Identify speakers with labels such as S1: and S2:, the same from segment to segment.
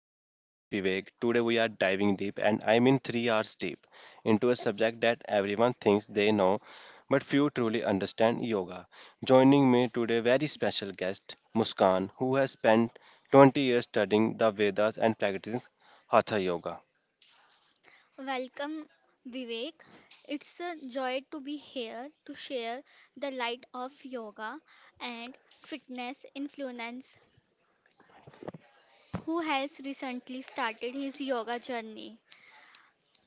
S1: I am your host Vivek. Today we are diving deep, and I mean 3 hours deep into a subject that everyone thinks they know, but few truly understand yoga. Joining me today, very special guest Muskan, who has spent 20 years studying the Vedas and practicing Hatha yoga.
S2: Welcome, Vivek. It's a joy to be here to share the light of yoga and fitness influence who has recently started his yoga journey.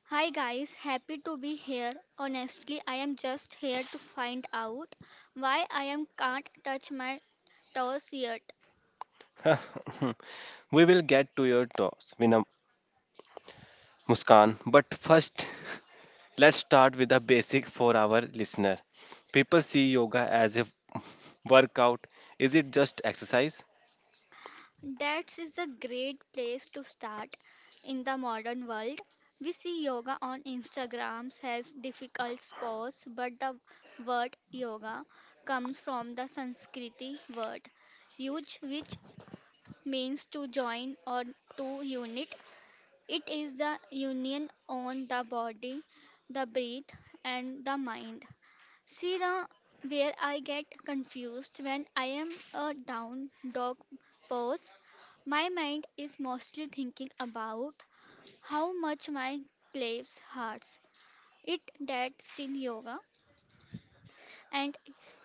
S2: Hi guys, happy to be here. Honestly, I am just here to find out why I am can't touch my toes yet.
S1: We will get to your thoughts, Vinam Muskan, but first let's start with the basic for our listener. People see yoga as a workout, is it just exercise?
S2: That is a great place to start in the modern world. We see yoga on Instagram as difficult pose, but the word yoga comes from the Sanskrit word yuj, which means to join or to unite. It is the union on the body, the breath, and the mind. See the where I get confused when I am a down dog pose my mind is mostly thinking about how much my claves hurts. It that still yoga and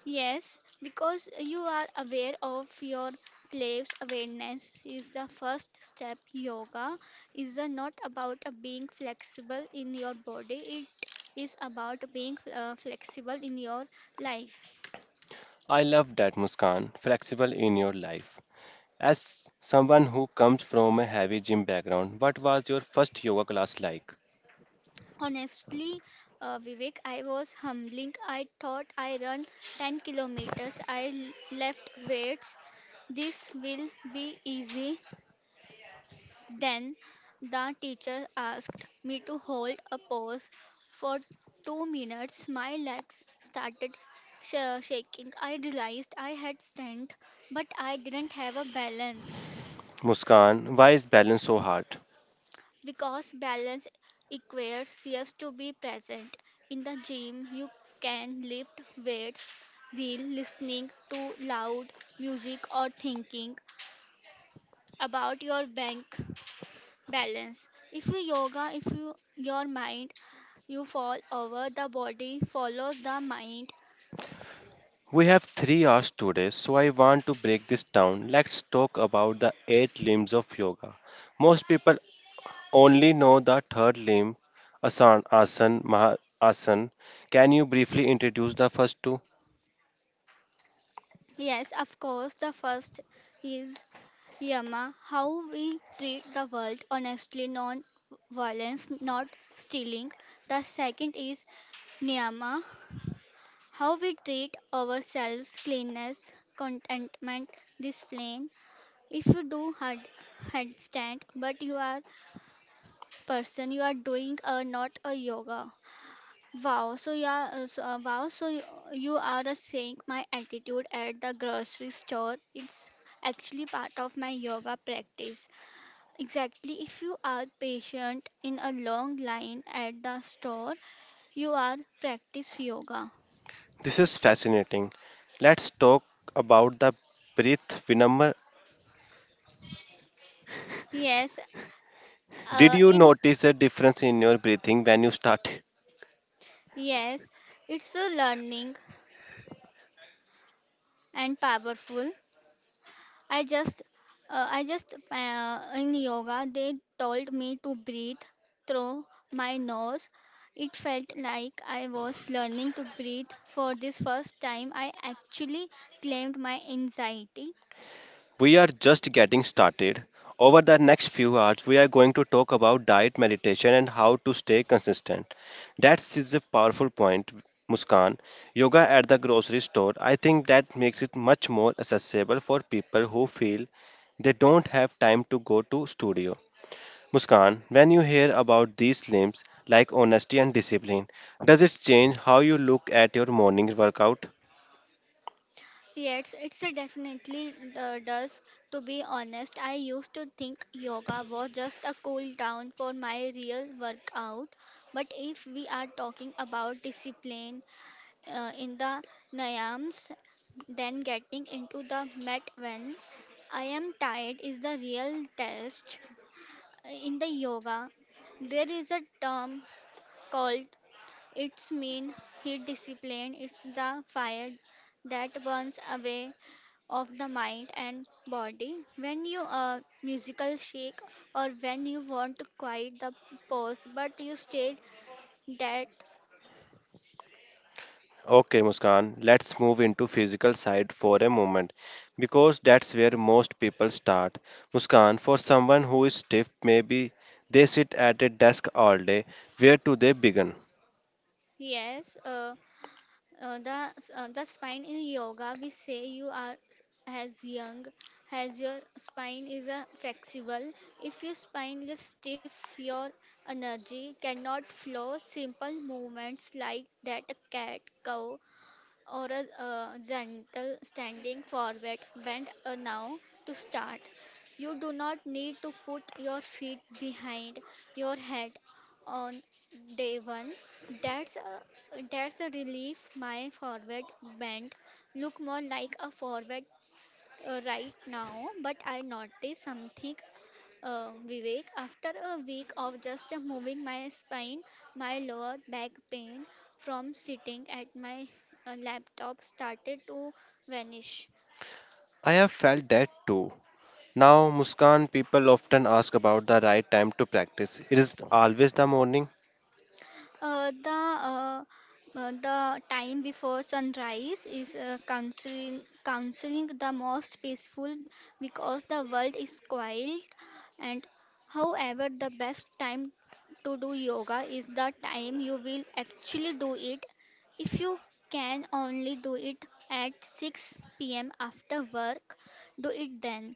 S2: yes because you are aware of your claves awareness is the first step yoga is a not about a being flexible in your body it is about being flexible in your life.
S1: I love that, Muskan. Flexible in your life. As someone who comes from a heavy gym background, what was your first yoga class like?
S2: Honestly, Vivek, I was humbling. I thought I run 10 kilometers. I left weights. This will be easy. Then the teacher asked me to hold a pose for 2 minutes. My legs started shaking. I realized I had strength, but I didn't have a balance.
S1: Muskan, why is balance so hard?
S2: Because balance requires us to be present. In the gym, you can lift weights while listening to loud music or thinking about your bank balance. If you yoga, if you your mind, you fall over, the body follows the mind.
S1: We have 3 hours today, so I want to break this down. Let's talk about the eight limbs of yoga. Most people only know the third limb, asan, asan, maha, asan. Can you briefly introduce the first two?
S2: Yes, of course, the first is Yama, how we treat the world honestly, non violence, not stealing. The second is Niyama, how we treat ourselves, cleanness, contentment, discipline. If you do headstand, but you are person, you are doing a not a yoga. Wow, so you are so, wow, so you are a saying my attitude at the grocery store. It's actually part of my yoga practice. Exactly, if you are patient in a long line at the store, you are practice yoga.
S1: This is fascinating. Let's talk about the breath phenomenon.
S2: Yes,
S1: Did
S2: uh,
S1: you
S2: in
S1: notice a difference in your breathing when you started?
S2: Yes, it's a learning and powerful. I just, I just In yoga they told me to breathe through my nose. It felt like I was learning to breathe for this first time. I actually claimed my anxiety.
S1: We are just getting started. Over the next few hours, we are going to talk about diet, meditation, and how to stay consistent. That is a powerful point, Muskan. Yoga at the grocery store, I think that makes it much more accessible for people who feel they don't have time to go to studio. Muskan, when you hear about these limbs like honesty and discipline, does it change how you look at your morning workout?
S2: Yes, it's a definitely does. To be honest, I used to think yoga was just a cool down for my real workout. But if we are talking about discipline, in the Nayams than getting into the mat when I am tired is the real test. In the yoga, there is a term called its mean heat discipline. It's the fire that burns away of the mind and body. When you are musical shake or when you want to quiet the pose but you stayed that.
S1: Okay, Muskan, let's move into physical side for a moment, because that's where most people start. Muskan, for someone who is stiff, maybe they sit at a desk all day. Where do they begin?
S2: Yes uh, Uh, the s- uh, the spine in yoga, we say you are as young as your spine is flexible. If your spine is stiff, your energy cannot flow. Simple movements like that cat cow or a gentle standing forward bend now to start. You do not need to put your feet behind your head on day one. That's a relief. My forward bend look more like a forward right now, but I noticed something Vivek. After a week of just moving my spine, my lower back pain from sitting at my laptop started to vanish.
S1: I have felt that too. Now, Muskan, people often ask about the right time to practice. It is always the morning.
S2: Uh, the uh, the time before sunrise is considering the most peaceful because the world is quiet, and however the best time to do yoga is the time you will actually do it. If you can only do it at 6 p.m. after work, do it then,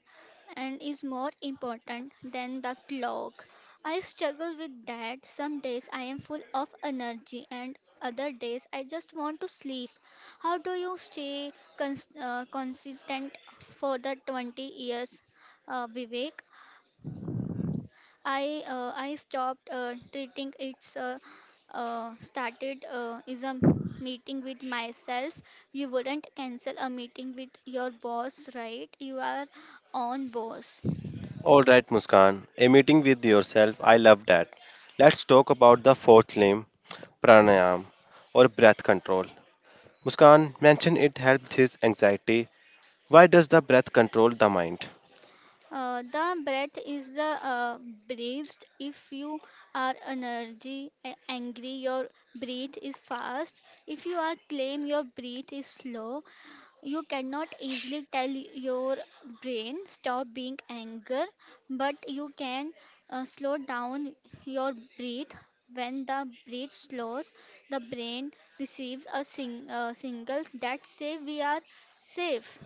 S2: and is more important than the clock. I struggle with that. Some days I am full of energy, and other days I just want to sleep. How do you stay consistent for the 20 years, Vivek? I stopped treating it's started is a meeting with myself. You wouldn't cancel a meeting with your boss, right? You are on boss.
S1: All right, Muskan, a meeting with yourself. I love that. Let's talk about the fourth limb, pranayam, or breath control. Muskan mentioned it helped his anxiety. Why does the breath control the mind?
S2: The breath is the breathed. If you are energy angry, your breath is fast. If you are calm, your breath is slow. You cannot easily tell your brain stop being anger, but you can slow down your breath. When the breath slows, the brain receives a signal that say we are safe,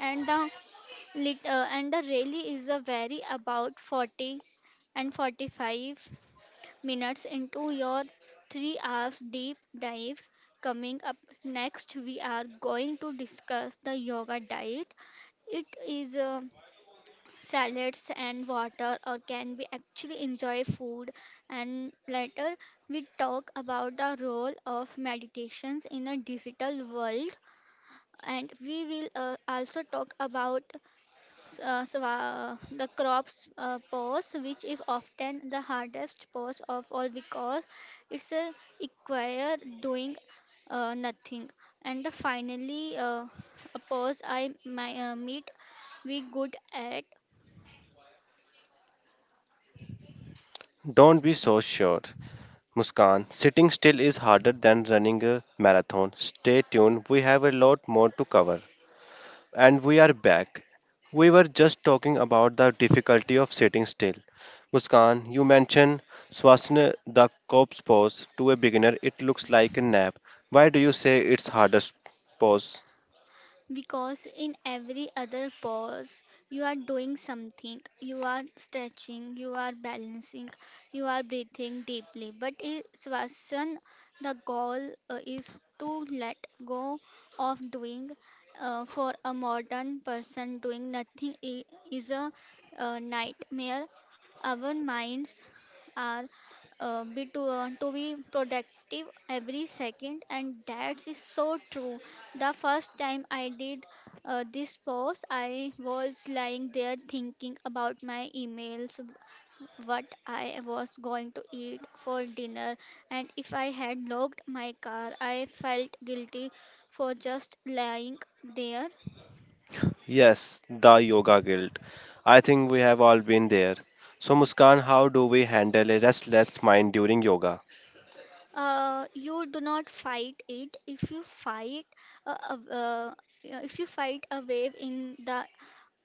S2: and the and the rally is a very about 40 and 45 minutes into your 3 hours deep dive. Coming up next, we are going to discuss the yoga diet. It is salads and water, or can we actually enjoy food? And later, we talk about the role of meditations in a digital world, and we will also talk about the crops pose, which is often the hardest pause of all because it's require doing nothing. And the finally, a pause. I my, meet we good at.
S1: Don't be so sure. Muskan, sitting still is harder than running a marathon. Stay tuned, we have a lot more to cover. And we are back. We were just talking about the difficulty of sitting still. Muskan, you mentioned Swasna, the corpse pose. To a beginner, it looks like a nap. Why do you say it's hardest pose?
S2: Because in every other pose, you are doing something. You are stretching, you are balancing, you are breathing deeply. But in Swasan, the goal is to let go of doing. For a modern person, doing nothing is a nightmare. Our minds are to be productive every second, and that is so true. The first time I did this pose, I was lying there thinking about my emails, what I was going to eat for dinner, and if I had locked my car. I felt guilty for just lying there.
S1: Yes, the yoga guilt. I think we have all been there. So Muskan, how do we handle a restless mind during yoga?
S2: You do not fight it. Uh, uh, uh, if you fight a wave in the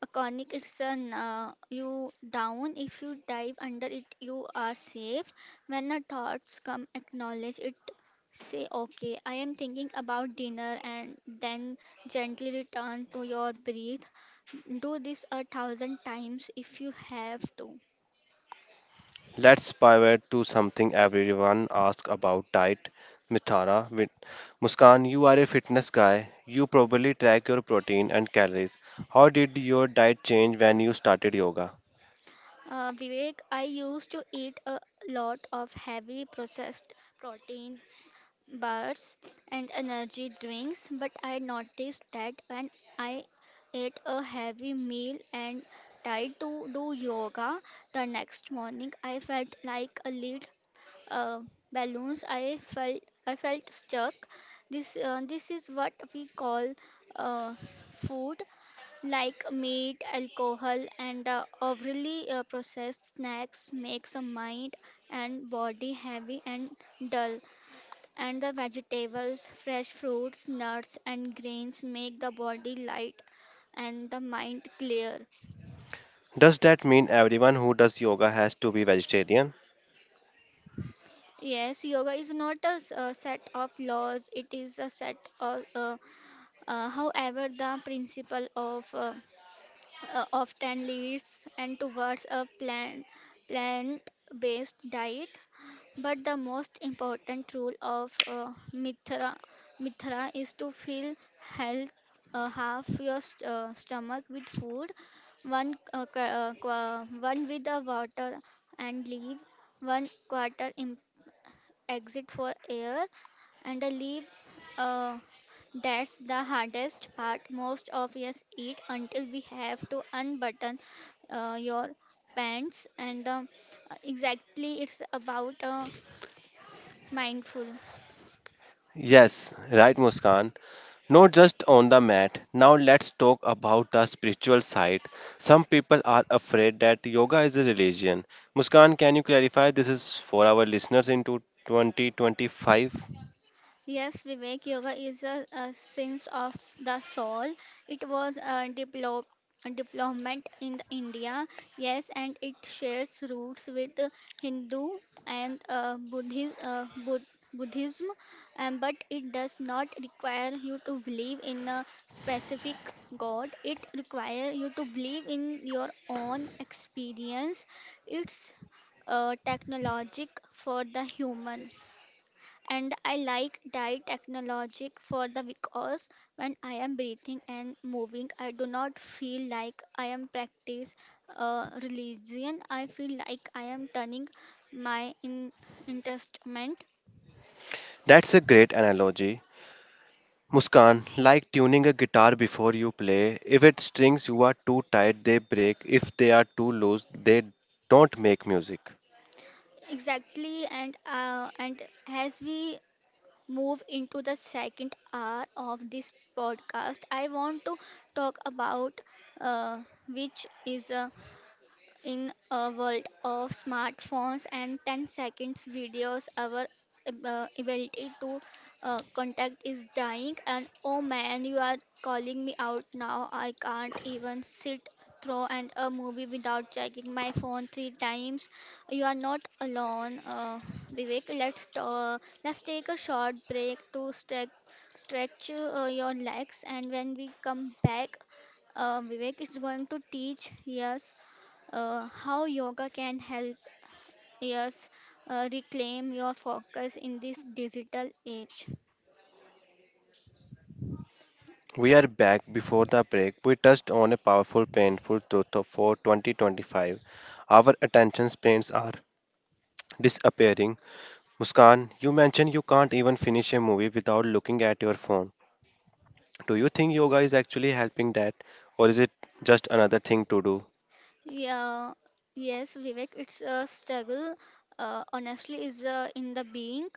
S2: iconic. It's a you down. If you dive under it, you are safe. When the thoughts come, acknowledge it. Say, okay, I am thinking about dinner, and then gently return to your breathe. Do this a thousand times if you have to.
S1: Let's pivot to something everyone asks about diet. Mithara, Muskan, you are a fitness guy. You probably track your protein and calories. How did your diet change when you started yoga?
S2: Vivek, I used to eat a lot of heavy processed protein bars and energy drinks, but I noticed that when I ate a heavy meal and tried to do yoga the next morning, I felt like a lead uh, balloons. I felt stuck. This is what we call uh, food like meat, alcohol, and overly processed snacks makes a mind and body heavy and dull, and the vegetables, fresh fruits, nuts, and grains make the body light and the mind clear.
S1: Does that mean everyone who does yoga has to be vegetarian?
S2: Yes, yoga is not a, a set of laws, it is a set of, however, the principle of often leads and towards a plant based diet. But the most important rule of mithra, is to fill health, half your stomach with food, one with the water and leave one quarter in exit for air and a leave. Uh, that's the hardest part. Most of us eat until we have to unbutton your pants and exactly, it's about mindful.
S1: Yes, right, Muskan. Not just on the mat. Now let's talk about the spiritual side. Some people are afraid that yoga is a religion. Muskan, can you clarify this is for our listeners into 2025?
S2: Yes, Vivek, yoga is a sense of the soul. It was developed development in India, yes, and it shares roots with Hindu and Buddhism, but it does not require you to believe in a specific god. It requires you to believe in your own experience. It's technologic for the human. And I like that technologic for the because when I am breathing and moving, I do not feel like I am practice religion. I feel like I am turning my in interestment.
S1: That's a great analogy. Muskan, like tuning a guitar before you play, if its strings you are too tight, they break. If they are too loose, they don't make music.
S2: Exactly, and as we move into the second hour of this podcast, I want to talk about uh, which is in a world of smartphones and 10 seconds videos, our ability to contact is dying. And oh man, you are calling me out now. I can't even sit through and a movie without checking my phone 3 times. You are not alone, Vivek. Let's take a short break to stretch your legs, and when we come back, Vivek is going to teach us how yoga can help us reclaim your focus in this digital age.
S1: We are back before the break. We touched on a powerful, painful truth for 2025. Our attention spans are disappearing. Muskan, you mentioned you can't even finish a movie without looking at your phone. Do you think yoga is actually helping that, or is it just another thing to do?
S2: Yeah, yes, Vivek, it's a struggle. Honestly, is in the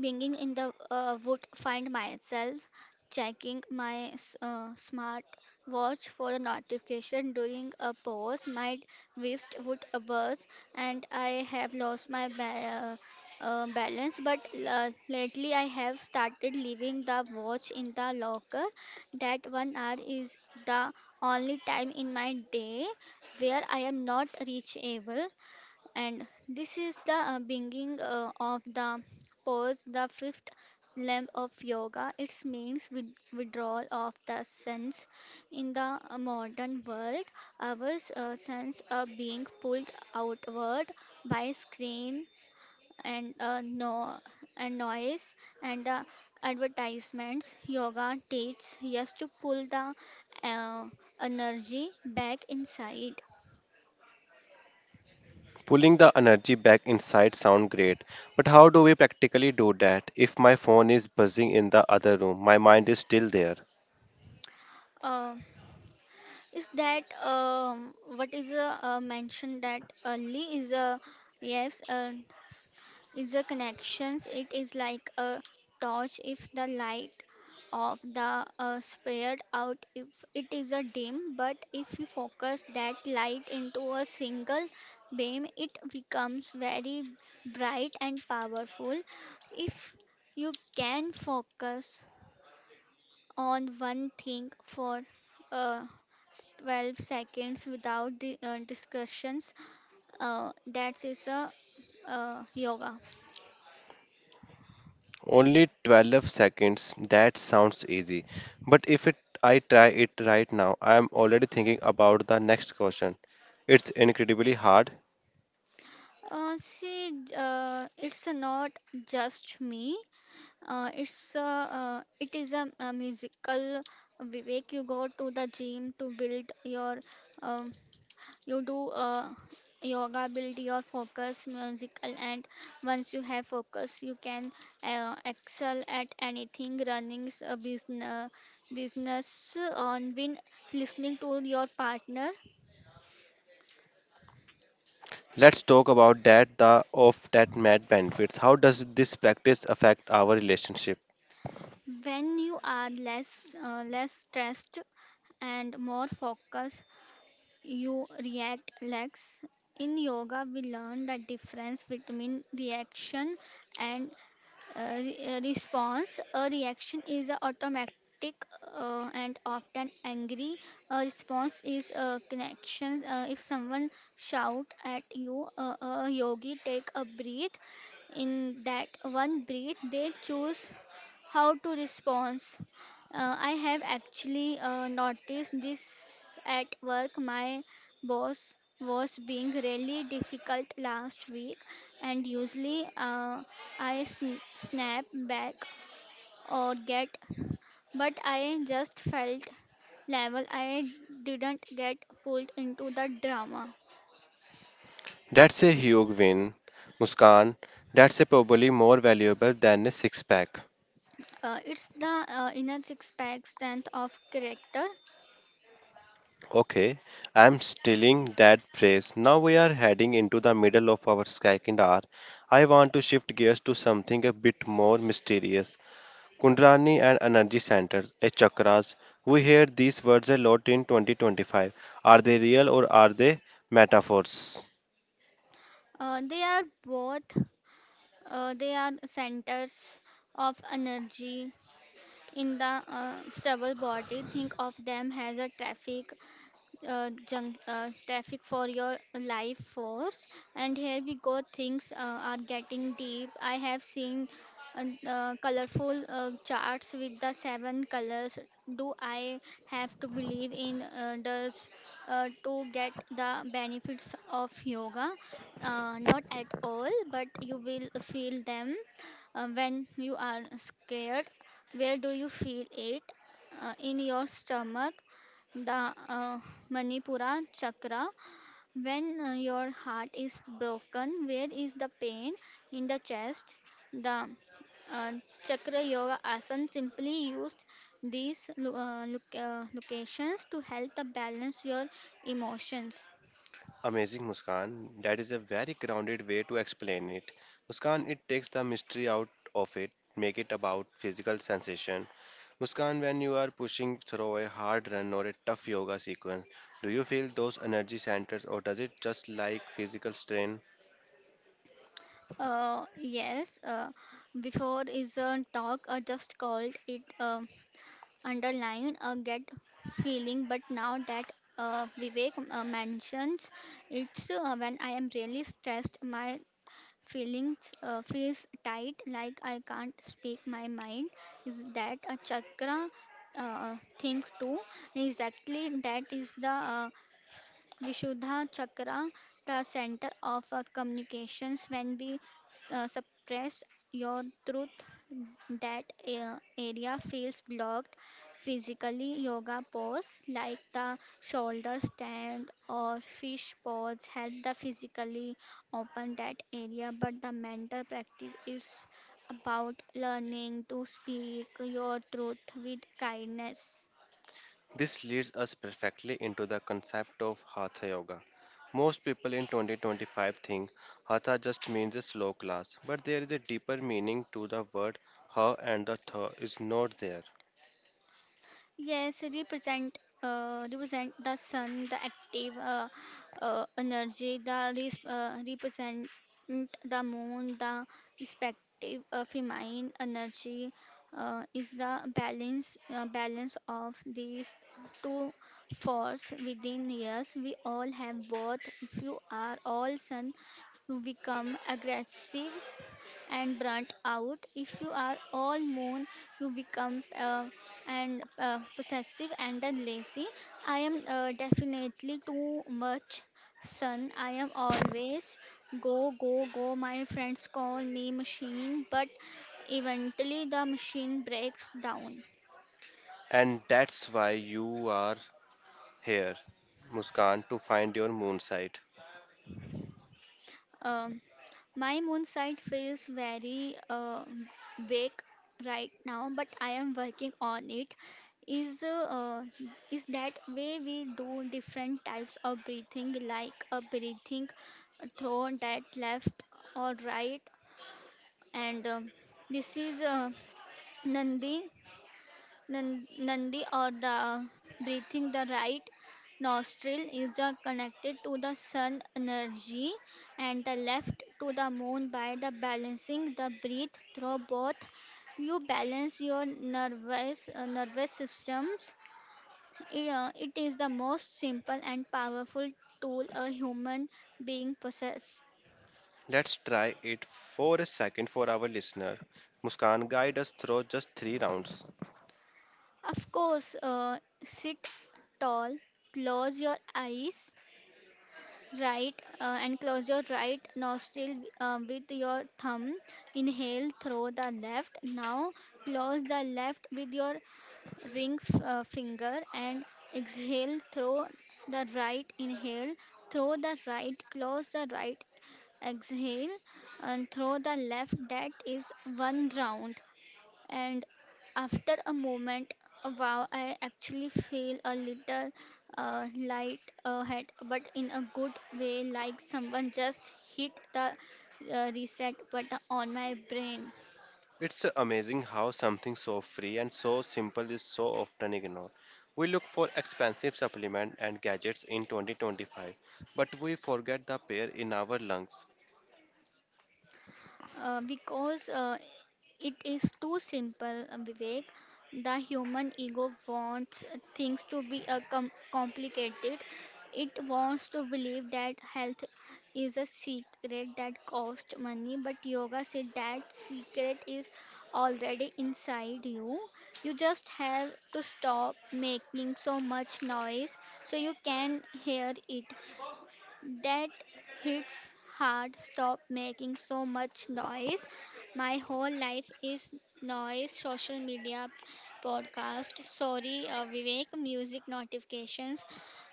S2: being in the would find myself checking my smart watch for a notification during a pause. My wrist would burst, and I have lost my balance. But lately, I have started leaving the watch in the locker. That one hour is the only time in my day where I am not reachable, and this is the beginning of the pose, the fifth limb of yoga. It means withdrawal of the sense. In the modern world, our sense are being pulled outward by screen and no and noise and advertisements. Yoga teaches us to pull the uh, energy back inside.
S1: Pulling the energy back inside sound great, but how do we practically do that if my phone is buzzing in the other room? My mind is still there.
S2: Uh, is that what is mentioned that early is a yes, is a connections. It is like a torch. If the light of the spared out, if it is a dim, but if you focus that light into a single beam, it becomes very bright and powerful. If you can focus on one thing for uh, 12 seconds without the discussions, that is a yoga.
S1: Only 12 seconds. That sounds easy. But if it, I try it right now, I am already thinking about the next question. It's incredibly hard.
S2: See, it's not just me. uh, it's a, it is a musical, Vivek. You go to the gym to build your um, you do yoga, build your focus, musical, and once you have focus, you can excel at anything: running a business, business on win, listening to your partner.
S1: Let's talk about that the of that mad bandwidth. How does this practice affect our relationship?
S2: When you are less, less stressed and more focused, you react less. In yoga, we learn the difference between reaction and response. A reaction is a automatic and often angry. A response is a connection. If someone shout at you, a yogi take a breath. In that one breath, they choose how to response. I have actually noticed this at work. My boss was being really difficult last week, and usually I snap back or get, but I just felt level. I didn't get pulled into the drama.
S1: That's a huge win, Muskan. That's a probably more valuable than a six pack.
S2: It's the inner six pack, strength of character.
S1: Okay, I'm stealing that phrase. Now we are heading into the middle of our second hour. I want to shift gears to something a bit more mysterious. Kundrani and energy centers, a chakras. We hear these words a lot in 2025. Are they real, or are they metaphors?
S2: They are both. They are centers of energy in the stable body. Think of them as a traffic junk traffic for your life force. And here we go, things are getting deep. I have seen colorful charts with the seven colors. Do I have to believe in, does to get the benefits of yoga? Not at all, but you will feel them. When you are scared, where do you feel it? In your stomach, the Manipura chakra. When your heart is broken, where is the pain? In the chest? The uh, chakra. Yoga asana simply used these locations to help to balance your emotions.
S1: Amazing, Muskan. That is a very grounded way to explain it. Muskan, it takes the mystery out of it, make it about physical sensation. Muskan, when you are pushing through a hard run or a tough yoga sequence, do you feel those energy centers, or does it just like physical strain?
S2: Yes, before is a talk, I just called it. Underlying a gut feeling, but now that Vivek mentions, it's when I am really stressed, my feelings feels tight, like I can't speak my mind. Is that a chakra thing too? Exactly, that is the Vishuddha chakra, the center of our communications. When we suppress your truth, that area feels blocked physically. Yoga pose like the shoulder stand or fish pose help the physically open that area, but the mental practice is about learning to speak your truth with kindness.
S1: This leads us perfectly into the concept of Hatha Yoga. Most people in 2025 think Hatha just means a slow class, but there is a deeper meaning to the word Ha, and the Tha is not there.
S2: Yes, represent the sun, the active energy, the represent the moon, the respective feminine energy. Is the balance balance of these two force within us. We all have both. If you are all sun, you become aggressive and burnt out. If you are all moon, you become and possessive and then lazy. I am definitely too much sun. I am always go, go, go. My friends call me machine, but eventually the machine breaks down.
S1: And that's why you are here, Muskan, to find your moon site.
S2: Um, My moon side feels very vague right now, but I am working on it. Is uh, is that way we do different types of breathing, like a breathing through that left or right, and this is Nandi. Nandi or the breathing, the right nostril is the connected to the sun energy and the left to the moon by the balancing the breath through both. You balance your nervous nervous systems. It is the most simple and powerful tool a human being possess.
S1: Let's try it for a second for our listener. Muskan, guide us through just three rounds.
S2: Of course, sit tall, close your eyes, right, and close your right nostril with your thumb. Inhale through the left. Now close the left with your ring finger and exhale through the right. Inhale through the right. Close the right. Exhale and through the left. That is one round, and after a moment, wow, I actually feel a little light ahead, but in a good way, like someone just hit the reset button on my brain.
S1: It's amazing how something so free and so simple is so often ignored. We look for expensive supplements and gadgets in 2025, but we forget the air in our lungs.
S2: Because It is too simple, Vivek. The human ego wants things to be complicated. It wants to believe that health is a secret that costs money, but yoga says that secret is already inside you. You just have to stop making so much noise so you can hear it. That hits hard. Stop making so much noise. My whole life is noise, social media, podcast. Sorry, Vivek, music notifications.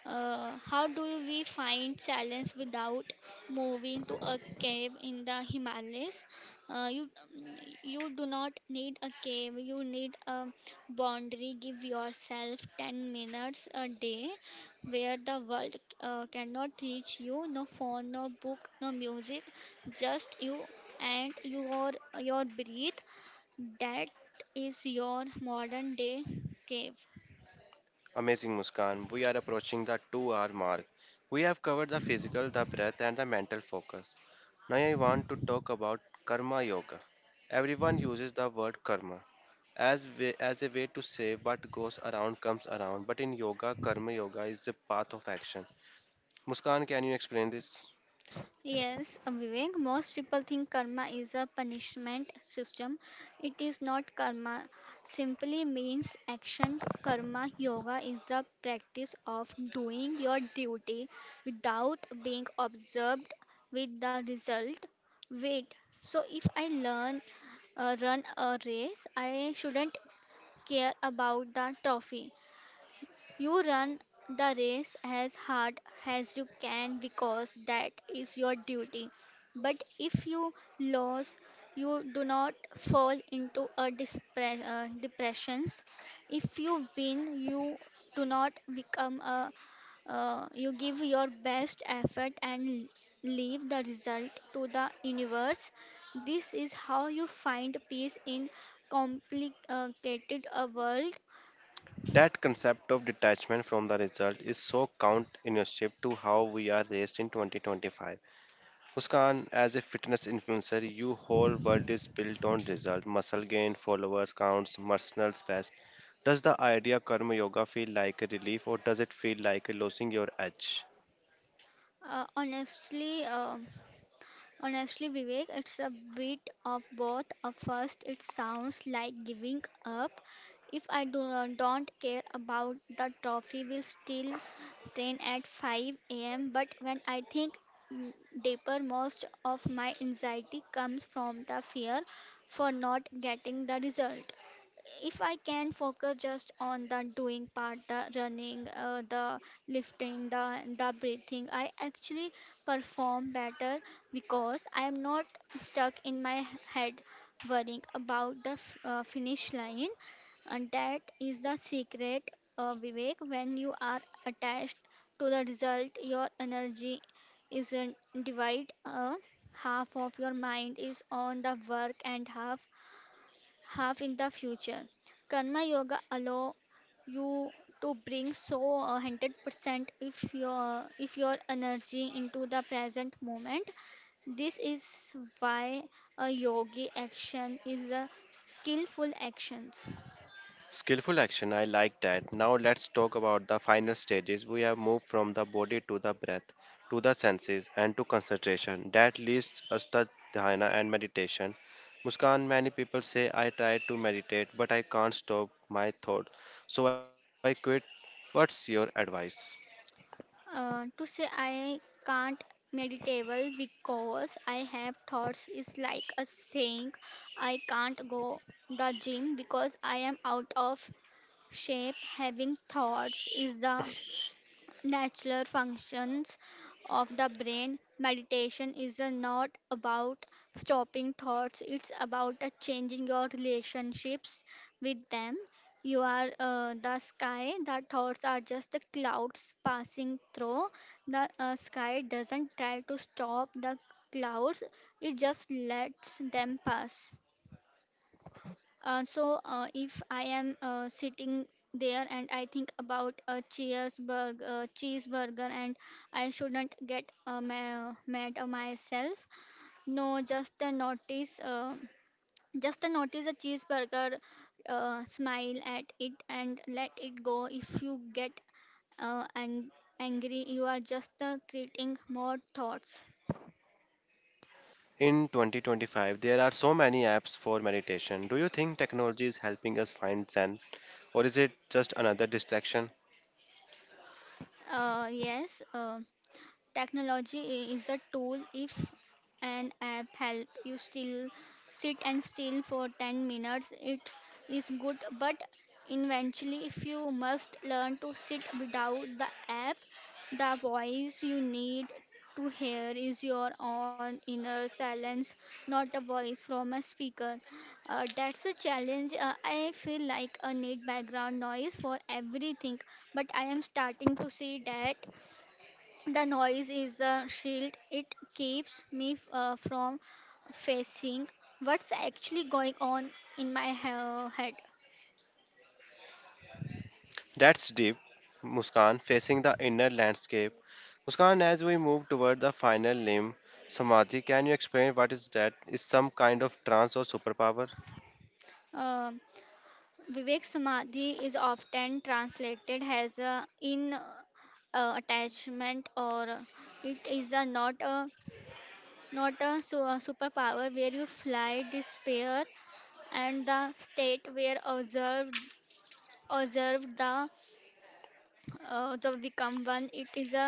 S2: How do we find silence without moving to a cave in the Himalayas? Uh, you, you do not need a cave. You need a boundary. Give yourself 10 minutes a day where the world cannot reach you. No phone, no book, no music, just you and your breath. That is your modern day cave.
S1: Amazing, Muskan. We are approaching the 2 hour mark. We have covered the physical, the breath, and the mental focus. Now I want to talk about karma yoga. Everyone uses the word karma as a way to say what goes around comes around, but in yoga, karma yoga is the path of action. Muskan, can you explain this?
S2: Yes, Vivek, most people think karma is a punishment system. It is not. Karma simply means action. Karma yoga is the practice of doing your duty without being observed with the result. Wait, so if I learn run a race, I shouldn't care about the trophy. You run the race as hard as you can because that is your duty. But if you lose, you do not fall into a depression. If you win, you do not become a. You give your best effort and leave the result to the universe. This is how you find peace in complicated world.
S1: That concept of detachment from the result is so counterintuitive to how we are raised in 2025. Muskan, as a fitness influencer, your whole world is built on result, muscle gain, followers counts, personal best. Does the idea karma yoga feel like a relief, or does it feel like losing your edge?
S2: Uh, honestly. Uh, Honestly, Vivek, it's a bit of both. At first, it sounds like giving up. If I do not don't care about the trophy, will still train at 5 a.m. But when I think, mm, deeper, most of my anxiety comes from the fear for not getting the result. If I can focus just on the doing part, the running, the lifting, the breathing, I actually perform better because I am not stuck in my head worrying about the finish line. And that is the secret, Vivek. When you are attached to the result, your energy is divided. Half of your mind is on the work and half have in the future. Karma Yoga allow you to bring so 100% if your energy into the present moment. This is why a yogi action is a skillful actions.
S1: Skillful action, I like that. Now let's talk about the final stages. We have moved from the body to the breath, to the senses, and to concentration. That leads us to dhyana and meditation. Muskan, many people say I try to meditate, but I can't stop my thought, so I quit. What's your advice?
S2: To say I can't meditable because I have thoughts is like a saying I can't go the gym because I am out of shape. Having thoughts is the natural functions of the brain. Meditation is not about stopping thoughts, it's about changing your relationships with them. You are the sky, the thoughts are just the clouds passing through. The sky doesn't try to stop the clouds, it just lets them pass. So if I am sitting there and I think about a cheeseburger, and I shouldn't get mad at myself. No, just a notice. Just a notice a cheeseburger, smile at it and let it go. If you get uh, ang- angry, you are just creating more thoughts.
S1: In 2025, there are so many apps for meditation. Do you think technology is helping us find Zen, or is it just another distraction?
S2: Yes. Technology is a tool. If an app help you still sit and still for 10 minutes, it is good. But eventually, if you must learn to sit without the app, the voice you need to hear is your own inner silence, not a voice from a speaker. That's a challenge. I feel like I need background noise for everything, but I am starting to see that the noise is a shield. It keeps me from facing what's actually going on in my head.
S1: That's deep. Muskan, facing the inner landscape. Muskan, as we move toward the final limb, Samadhi, can you explain what is that? Is some kind of trance or superpower?
S2: Um Vivek, Samadhi is often translated as a in attachment or it is a not a a superpower where you fly despair and the state where observed observed the the become one. It is a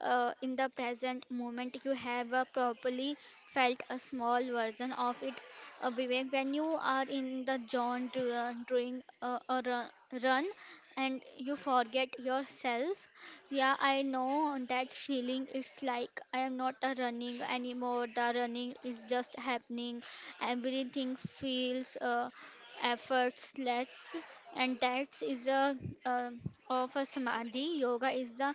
S2: in the present moment. You have a properly felt a small version of it, Vivek, when you are in the zone doing a run and you forget yourself. Yeah, I know that feeling. It's like I am not a running anymore, the running is just happening. Everything feels effortless. And that is a uh, of a samadhi. Yoga is the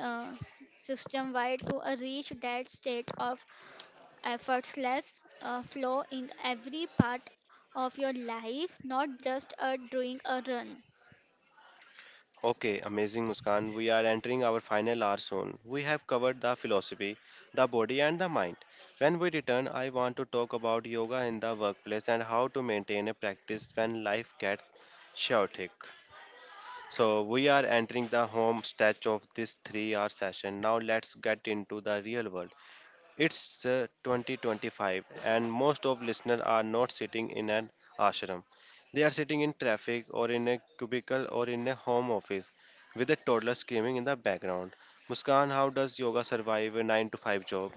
S2: uh, system wide to reach that state of effortless flow in every part of your life, not just doing a run.
S1: Okay, amazing Muskan. We are entering our final hour soon. We have covered the philosophy, the body, and the mind. When we return, I want to talk about yoga in the workplace and how to maintain a practice when life gets chaotic. So we are entering the home stretch of this 3-hour session. Now let's get into the real world. It's 2025, and most of listeners are not sitting in an ashram. They are sitting in traffic, or in a cubicle, or in a home office with a toddler screaming in the background. Muskan, how does yoga survive a 9 to 5 job?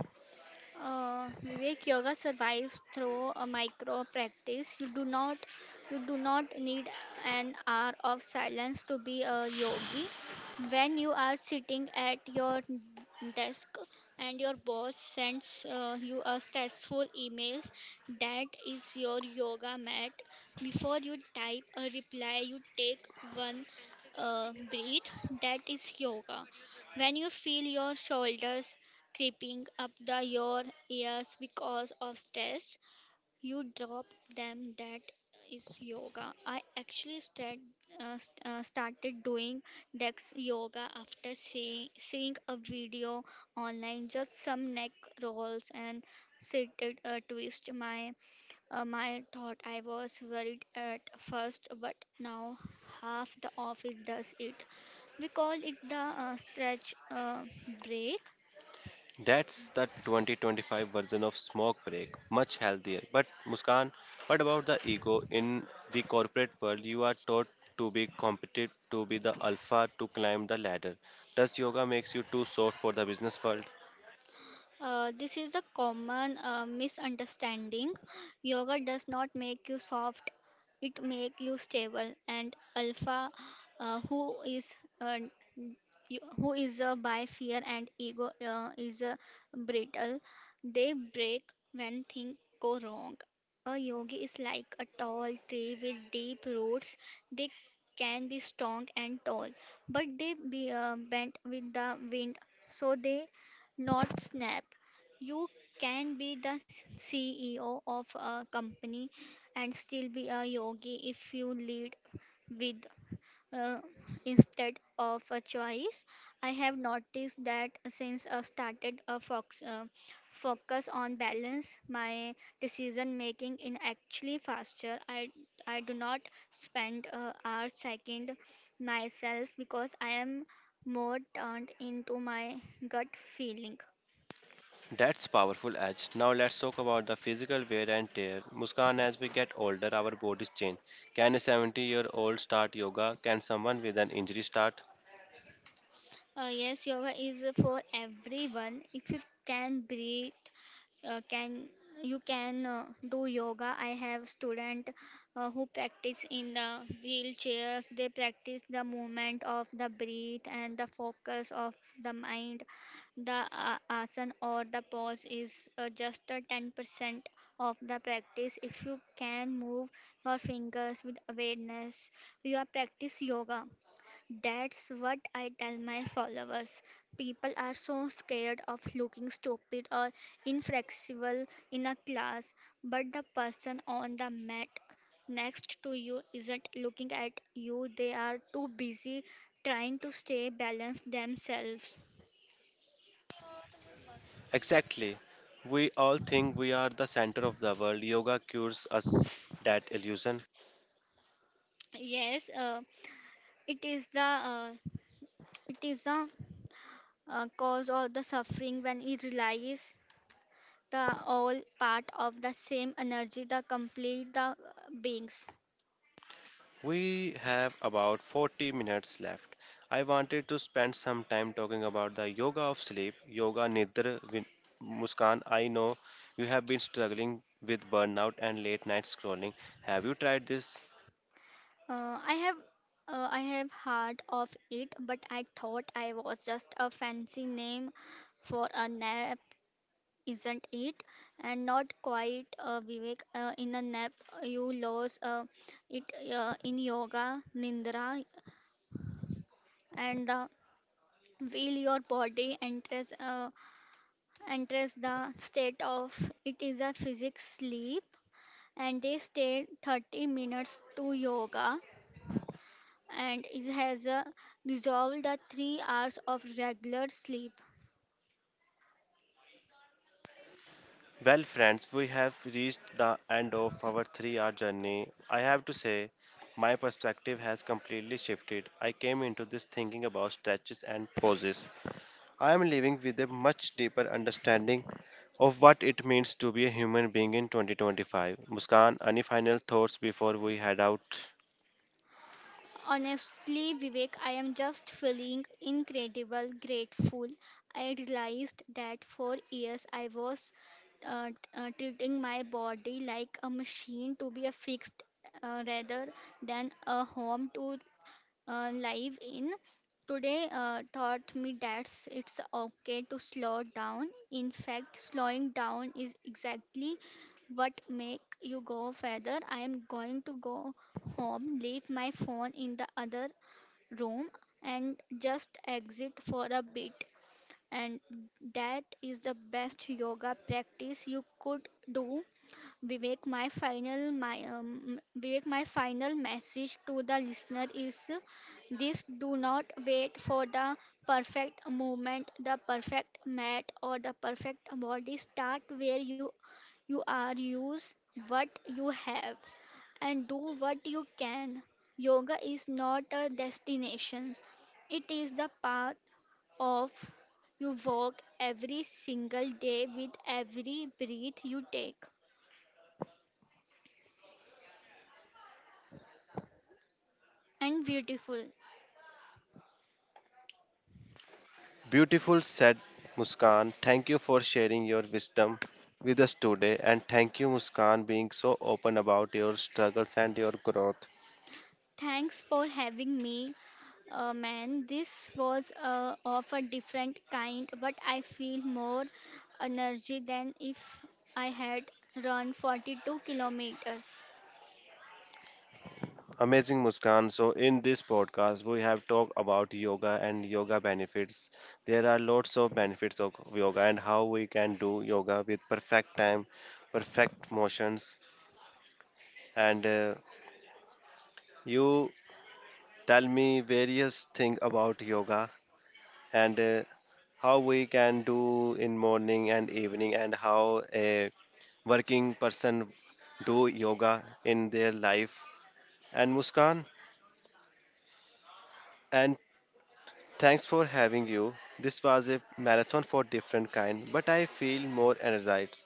S2: Vivek, yoga survives through a micro practice. You do not need an hour of silence to be a yogi. When you are sitting at your desk and your boss sends you a stressful emails, that is your yoga mat. Before you type a reply, you take one breathe. That is yoga. When you feel your shoulders creeping up the your ears because of stress you drop them that is yoga. I actually started doing dex yoga after seeing a video online, just some neck rolls and seated twist. My thought, I was worried at first, but now half the office does it. We call it the stretch break.
S1: That's the 2025 version of smoke break, much healthier. But Muskan, what about the ego in the corporate world? You are taught to be competitive, to be the alpha, to climb the ladder. Does yoga makes you too soft for the business world?
S2: This is a common misunderstanding. Yoga does not make you soft, it makes you stable. And Alpha, who is uh, who is by fear and ego, is brittle. They break when things go wrong. A yogi is like a tall tree with deep roots. They can be strong and tall, but they be bent with the wind, so they not snap. You can be the CEO of a company and still be a yogi if you lead with uh, instead of a choice. I have noticed that since I started focus on balance, my decision making is actually faster. I do not spend hours second myself because I am more turned into my gut feeling.
S1: That's powerful edge. Now let's talk about the physical wear and tear. Muskan, as we get older, our bodies change. Can a 70-year-old start yoga? Can someone with an injury start?
S2: Yes, yoga is for everyone. If you can breathe, can you can do yoga. I have student who practice in the wheelchairs. They practice the movement of the breath and the focus of the mind. The asana or the pose is just a 10% of the practice. If you can move your fingers with awareness, you are practice yoga. That's what I tell my followers. People are so scared of looking stupid or inflexible in a class, but the person on the mat next to you isn't looking at you, they are too busy trying to stay balanced themselves.
S1: Exactly. We all think we are the center of the world. Yoga cures us that illusion.
S2: Yes, it is the uh, it is the cause of the suffering when it relies the all part of the same energy, the complete the beings.
S1: We have about 40 minutes left. I wanted to spend some time talking about the yoga of sleep, yoga nidra. Muskan, I know you have been struggling with burnout and late night scrolling. Have you tried this?
S2: Uh, I have I have heard of it, but I thought I was just a fancy name for a nap, isn't it? And not quite Vivek. In a nap, you lose it in yoga nindra, and the will your body enters the state of it is a physics sleep, and they stay 30 minutes to yoga and it has resolved the 3 hours of regular sleep.
S1: Well, friends, we have reached the end of our 3 hour journey. I have to say, my perspective has completely shifted. I came into this thinking about stretches and poses, I am leaving with a much deeper understanding of what it means to be a human being in 2025. Muskan, any final thoughts before we head out?
S2: Honestly, Vivek, I am just feeling incredible grateful. I realized that for years I was treating my body like a machine to be a fixed rather than a home to live in. Today taught me that it's okay to slow down. In fact, slowing down is exactly what make you go further. I am going to go home, leave my phone in the other room and just exit for a bit. And that is the best yoga practice you could do. Vivek, my final my Vivek, my final message to the listener is this: do not wait for the perfect moment, the perfect mat or the perfect body. Start where you are, use what you have and do what you can. Yoga is not a destination, it is the path of you walk every single day with every breath you take. And beautiful.
S1: Beautiful, said Muskan. Thank you for sharing your wisdom with us today, and thank you, Muskan, being so open about your struggles and your growth.
S2: Thanks for having me, man. This was of a different kind, but I feel more energy than if I had run 42 kilometers.
S1: Amazing Muskan. So, in this podcast, we have talked about yoga and yoga benefits. There are lots of benefits of yoga, and how we can do yoga with perfect time, perfect motions. And you tell me various things about yoga, and how we can do in morning and evening, and how a working person do yoga in their life. And Muskan, and thanks for having you. This was a marathon for different kind, but I feel more energized.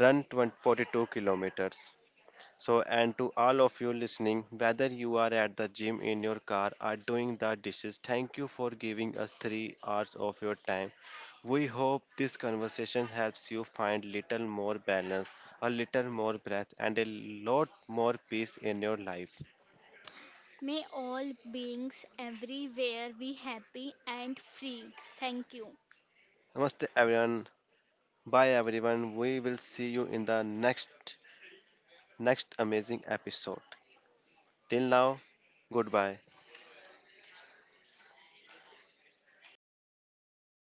S1: Run 20, 42 kilometers. So, and to all of you listening, whether you are at the gym, in your car, or doing the dishes, thank you for giving us 3 hours of your time. We hope this conversation helps you find little more balance, a little more breath, and a lot more peace in your life.
S2: May all beings everywhere be happy and free. Thank you.
S1: Namaste, everyone. Bye, everyone. We will see you in the next amazing episode. Till now, goodbye. Hi,